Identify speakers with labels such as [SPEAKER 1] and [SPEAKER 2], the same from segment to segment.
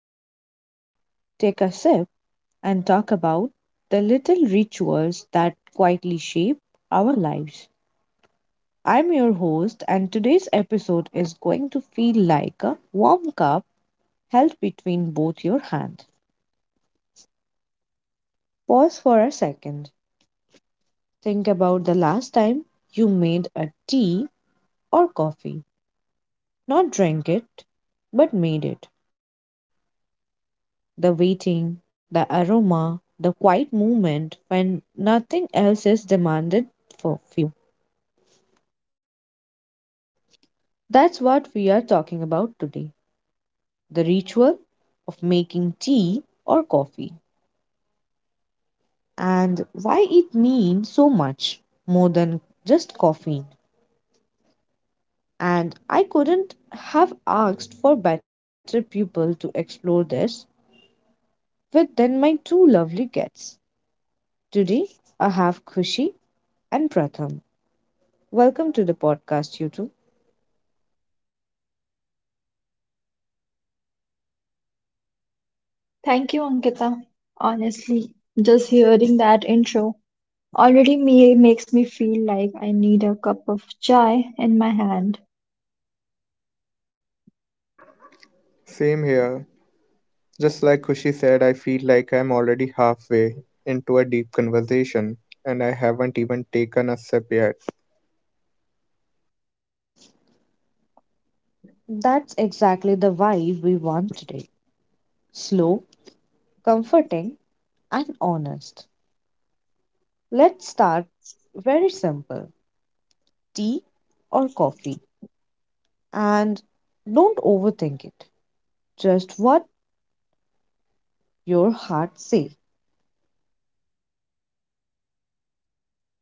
[SPEAKER 1] down, take a sip, and talk about the little rituals that quietly shape our lives. I'm your host, and today's episode is going to feel like a warm cup held between both your hands. Pause for a second. Think about the last time you made a tea or coffee, not drank it, but made it. The waiting, the aroma, the quiet movement when nothing else is demanded for you. That's what we are talking about today, the ritual of making tea or coffee and why it means so much more than just caffeine. And I couldn't have asked for better people to explore this with than my two lovely guests. Today, I have Kushi and Pratham. Welcome to the podcast, you two.
[SPEAKER 2] Thank you, Ankita. Honestly, just hearing that intro already me makes me feel like I need a cup of chai in my hand.
[SPEAKER 3] Same here. Just like Kushi said, I feel like I'm already halfway into a deep conversation and I haven't even taken a sip yet.
[SPEAKER 1] That's exactly the vibe we want today: slow, comforting, and honest. Let's start very simple: tea or coffee. And don't overthink it, just what your heart says.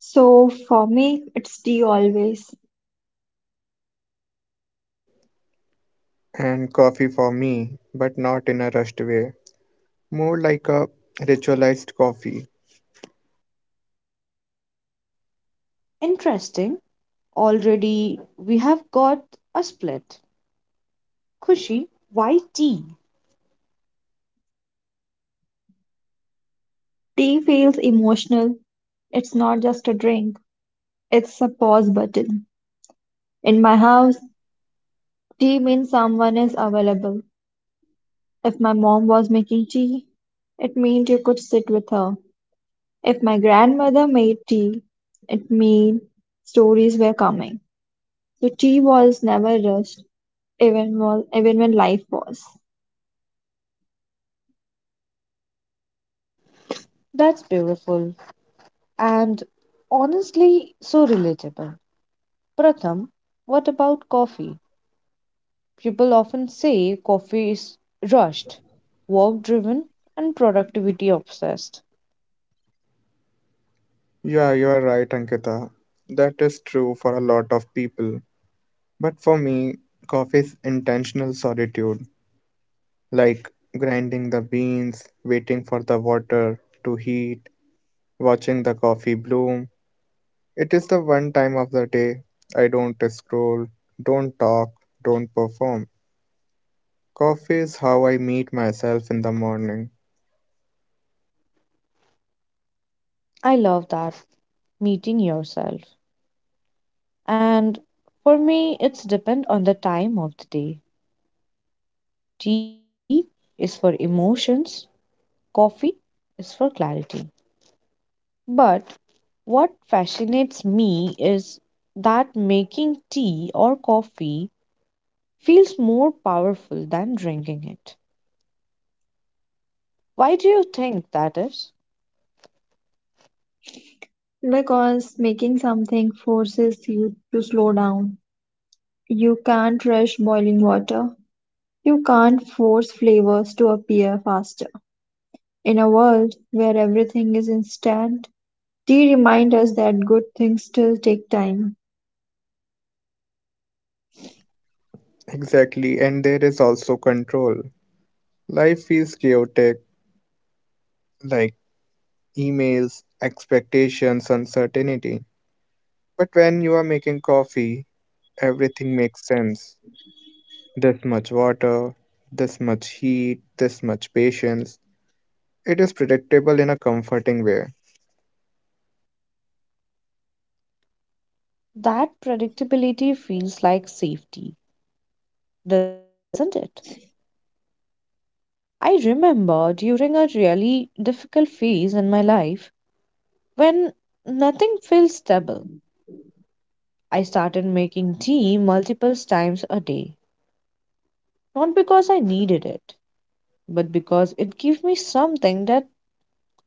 [SPEAKER 2] So for me, it's tea always.
[SPEAKER 3] And coffee for me, but not in a rushed way. More like a ritualized coffee.
[SPEAKER 1] Interesting, already we have got a split. Kushi, why tea?
[SPEAKER 2] Tea feels emotional. It's not just a drink, it's a pause button. In my house, tea means someone is available. If my mom was making tea, it meant you could sit with her. If my grandmother made tea, it meant stories were coming. So tea was never rushed, even when life was.
[SPEAKER 1] That's beautiful and honestly so relatable. Pratham, what about coffee? People often say coffee is rushed, work driven, and productivity obsessed.
[SPEAKER 3] Yeah, you are right, Ankita. That is true for a lot of people. But for me, coffee is intentional solitude, like grinding the beans, waiting for the water to heat, watching the coffee bloom. It is the one time of the day I don't scroll, don't talk, don't perform. Coffee is how I meet myself in the morning.
[SPEAKER 1] I love that, meeting yourself. And for me, it's depend on the time of the day. Tea is for emotions, coffee is for clarity. But what fascinates me is that making tea or coffee feels more powerful than drinking it. Why do you think that is?
[SPEAKER 2] Because making something forces you to slow down. You can't rush boiling water. You can't force flavors to appear faster. In a world where everything is instant, tea reminds us that good things still take time.
[SPEAKER 3] Exactly, and there is also control. Life is chaotic, like emails, expectations, uncertainty. But when you are making coffee, everything makes sense. This much water, this much heat, this much patience. It is predictable in a comforting way.
[SPEAKER 1] That predictability feels like safety, doesn't it? I remember during a really difficult phase in my life when nothing felt stable. I started making tea multiple times a day, not because I needed it, but because it gave me something that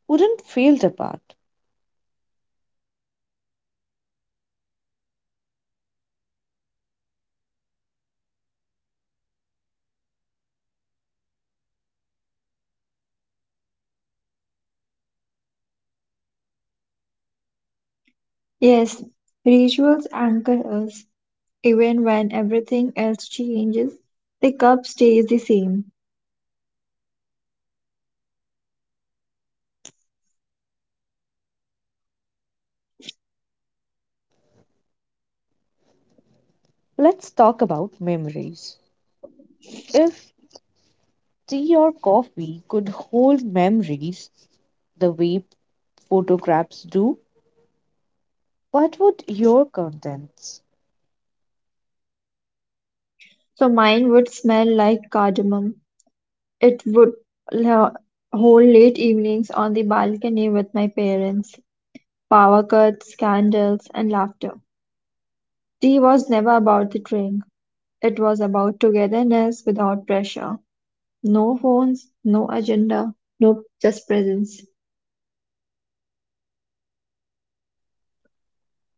[SPEAKER 1] wouldn't fail apart.
[SPEAKER 2] Yes, rituals anchor us. Even when everything else changes, the cup stays the same.
[SPEAKER 1] Let's talk about memories. If tea or coffee could hold memories the way photographs do, what would your contents?
[SPEAKER 2] So mine would smell like cardamom. It would l- hold late evenings on the balcony with my parents. Power cuts, candles, and laughter. Tea was never about the drink. It was about togetherness without pressure. No phones, no agenda, no just presence.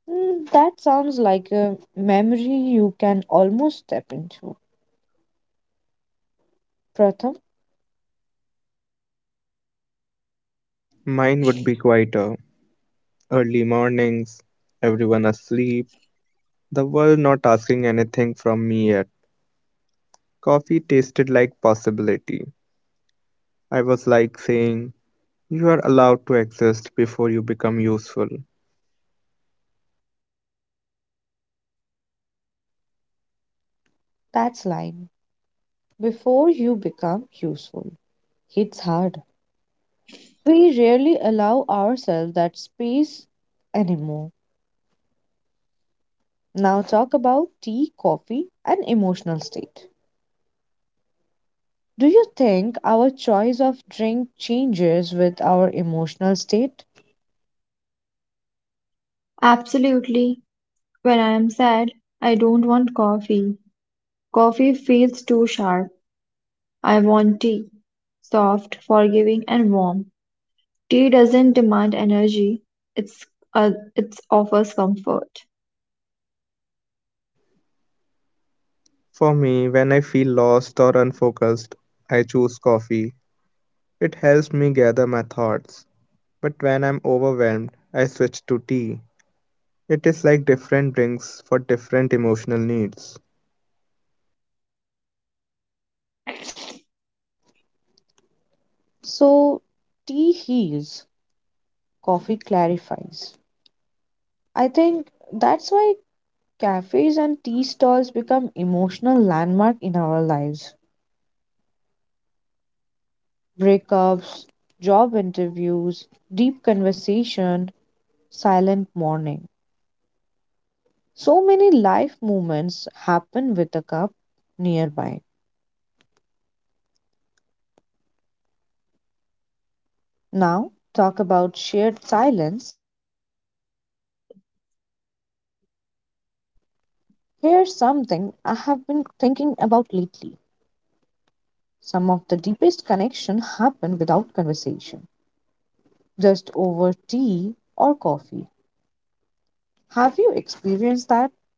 [SPEAKER 1] Mm, that sounds like a memory you can almost step into. Pratham,
[SPEAKER 3] Mine would be quieter. Early mornings, everyone asleep, the world not asking anything from me yet. Coffee tasted like possibility. I was like saying, "You are allowed to exist before you become useful."
[SPEAKER 1] that's line. Before you become useful. It's hard. We rarely allow ourselves that space anymore. Now talk about tea, coffee, and emotional state. Do you think our choice of drink changes with our emotional state?
[SPEAKER 2] Absolutely. When I am sad, I don't want coffee. Coffee feels too sharp. I want tea. Soft, forgiving, and warm. Tea doesn't demand energy, it's uh, it offers comfort.
[SPEAKER 3] For me, when I feel lost or unfocused, I choose coffee. It helps me gather my thoughts. But when I'm overwhelmed, I switch to tea. It is like different drinks for different emotional needs.
[SPEAKER 1] So, tea heals, coffee clarifies. I think that's why cafes and tea stalls become emotional landmark in our lives. Breakups, job interviews, deep conversation, silent morning. So many life moments happen with a cup nearby. Now, talk about shared silence and connection. Here's something I have been thinking about lately. Some of the deepest connection happen without conversation, just over tea or coffee. Have you experienced that?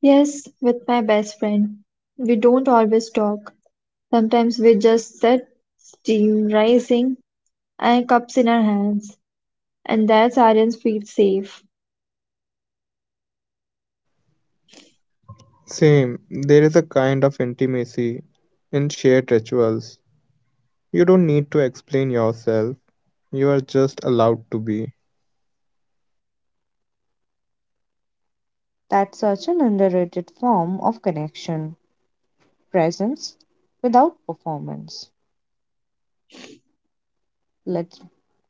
[SPEAKER 2] Yes, with my best friend. We don't always talk. Sometimes we just sit, steam rising, and cups in our hands, and that silence feels safe.
[SPEAKER 3] Same, there is a kind of intimacy in shared rituals. You don't need to explain yourself, you are just allowed to be.
[SPEAKER 1] That's such an underrated form of connection, presence without performance. Let's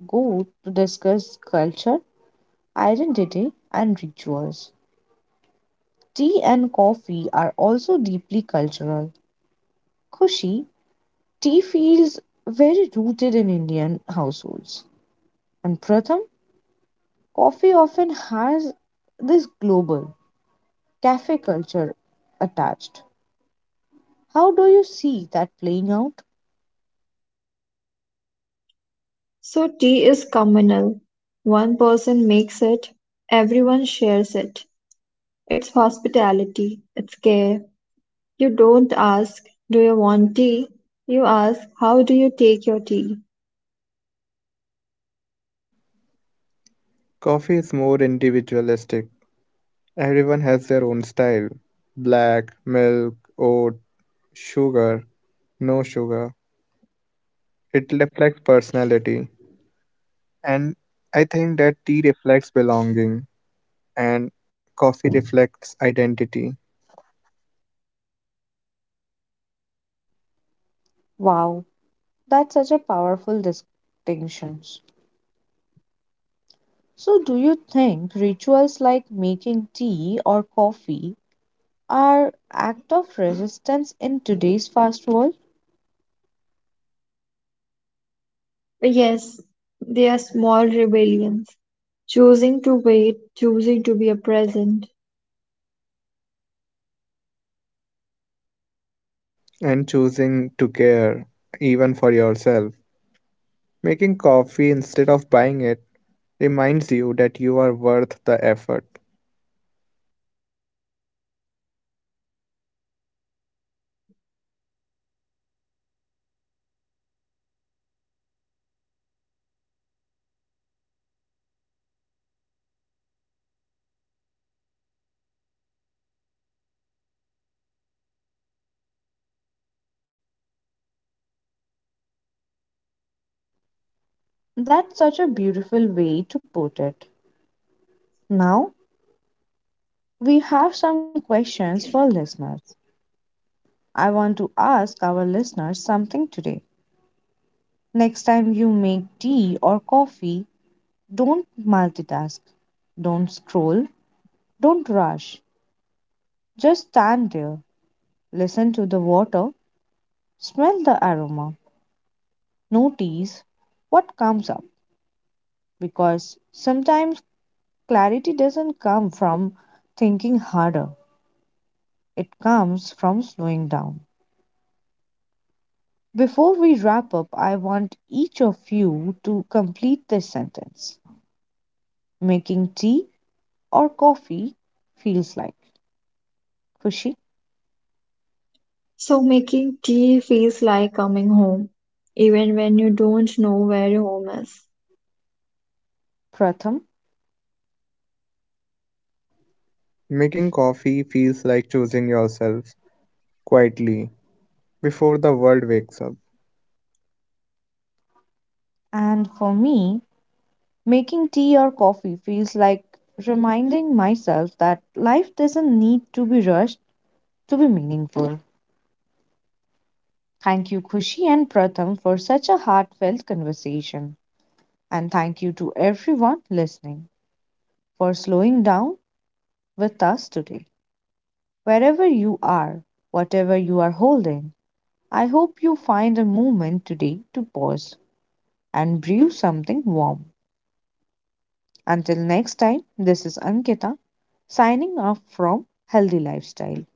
[SPEAKER 1] go to discuss culture, identity, and rituals. Tea and coffee are also deeply cultural. Kushi, tea feels very rooted in Indian households. And Pratham, coffee often has this global cafe culture attached. How do you see that playing out?
[SPEAKER 2] So tea is communal. One person makes it, everyone shares it. It's hospitality, it's care. You don't ask, do you want tea? You ask, how do you take your tea?
[SPEAKER 3] Coffee is more individualistic. Everyone has their own style: black, milk, oat, sugar, no sugar. It reflects personality. And I think that tea reflects belonging, and coffee reflects identity.
[SPEAKER 1] Wow, that's such a powerful distinction. So, do you think rituals like making tea or coffee are act of resistance in today's fast world?
[SPEAKER 2] Yes, they are small rebellions, choosing to wait, choosing to be a present.
[SPEAKER 3] And choosing to care, even for yourself. Making coffee instead of buying it reminds you that you are worth the effort.
[SPEAKER 1] That's such a beautiful way to put it. Now, we have some questions for listeners. I want to ask our listeners something today. Next time you make tea or coffee, don't multitask, don't scroll, don't rush. Just stand there, listen to the water, smell the aroma, notice what comes up, because sometimes clarity doesn't come from thinking harder, it comes from slowing down. Before we wrap up, I want each of you to complete this sentence: making tea or coffee feels like. Kushi,
[SPEAKER 2] So making tea feels like coming home, even when you don't know where home is.
[SPEAKER 1] Pratham,
[SPEAKER 3] Making coffee feels like choosing yourself quietly before the world wakes up.
[SPEAKER 1] and for me, making tea or coffee feels like reminding myself that life doesn't need to be rushed to be meaningful. Thank you, Kushi and Pratham, for such a heartfelt conversation. And thank you to everyone listening for slowing down with us today. Wherever you are, whatever you are holding, I hope you find a moment today to pause and brew something warm. Until next time, this is Ankita signing off from Healthy Lifestyle.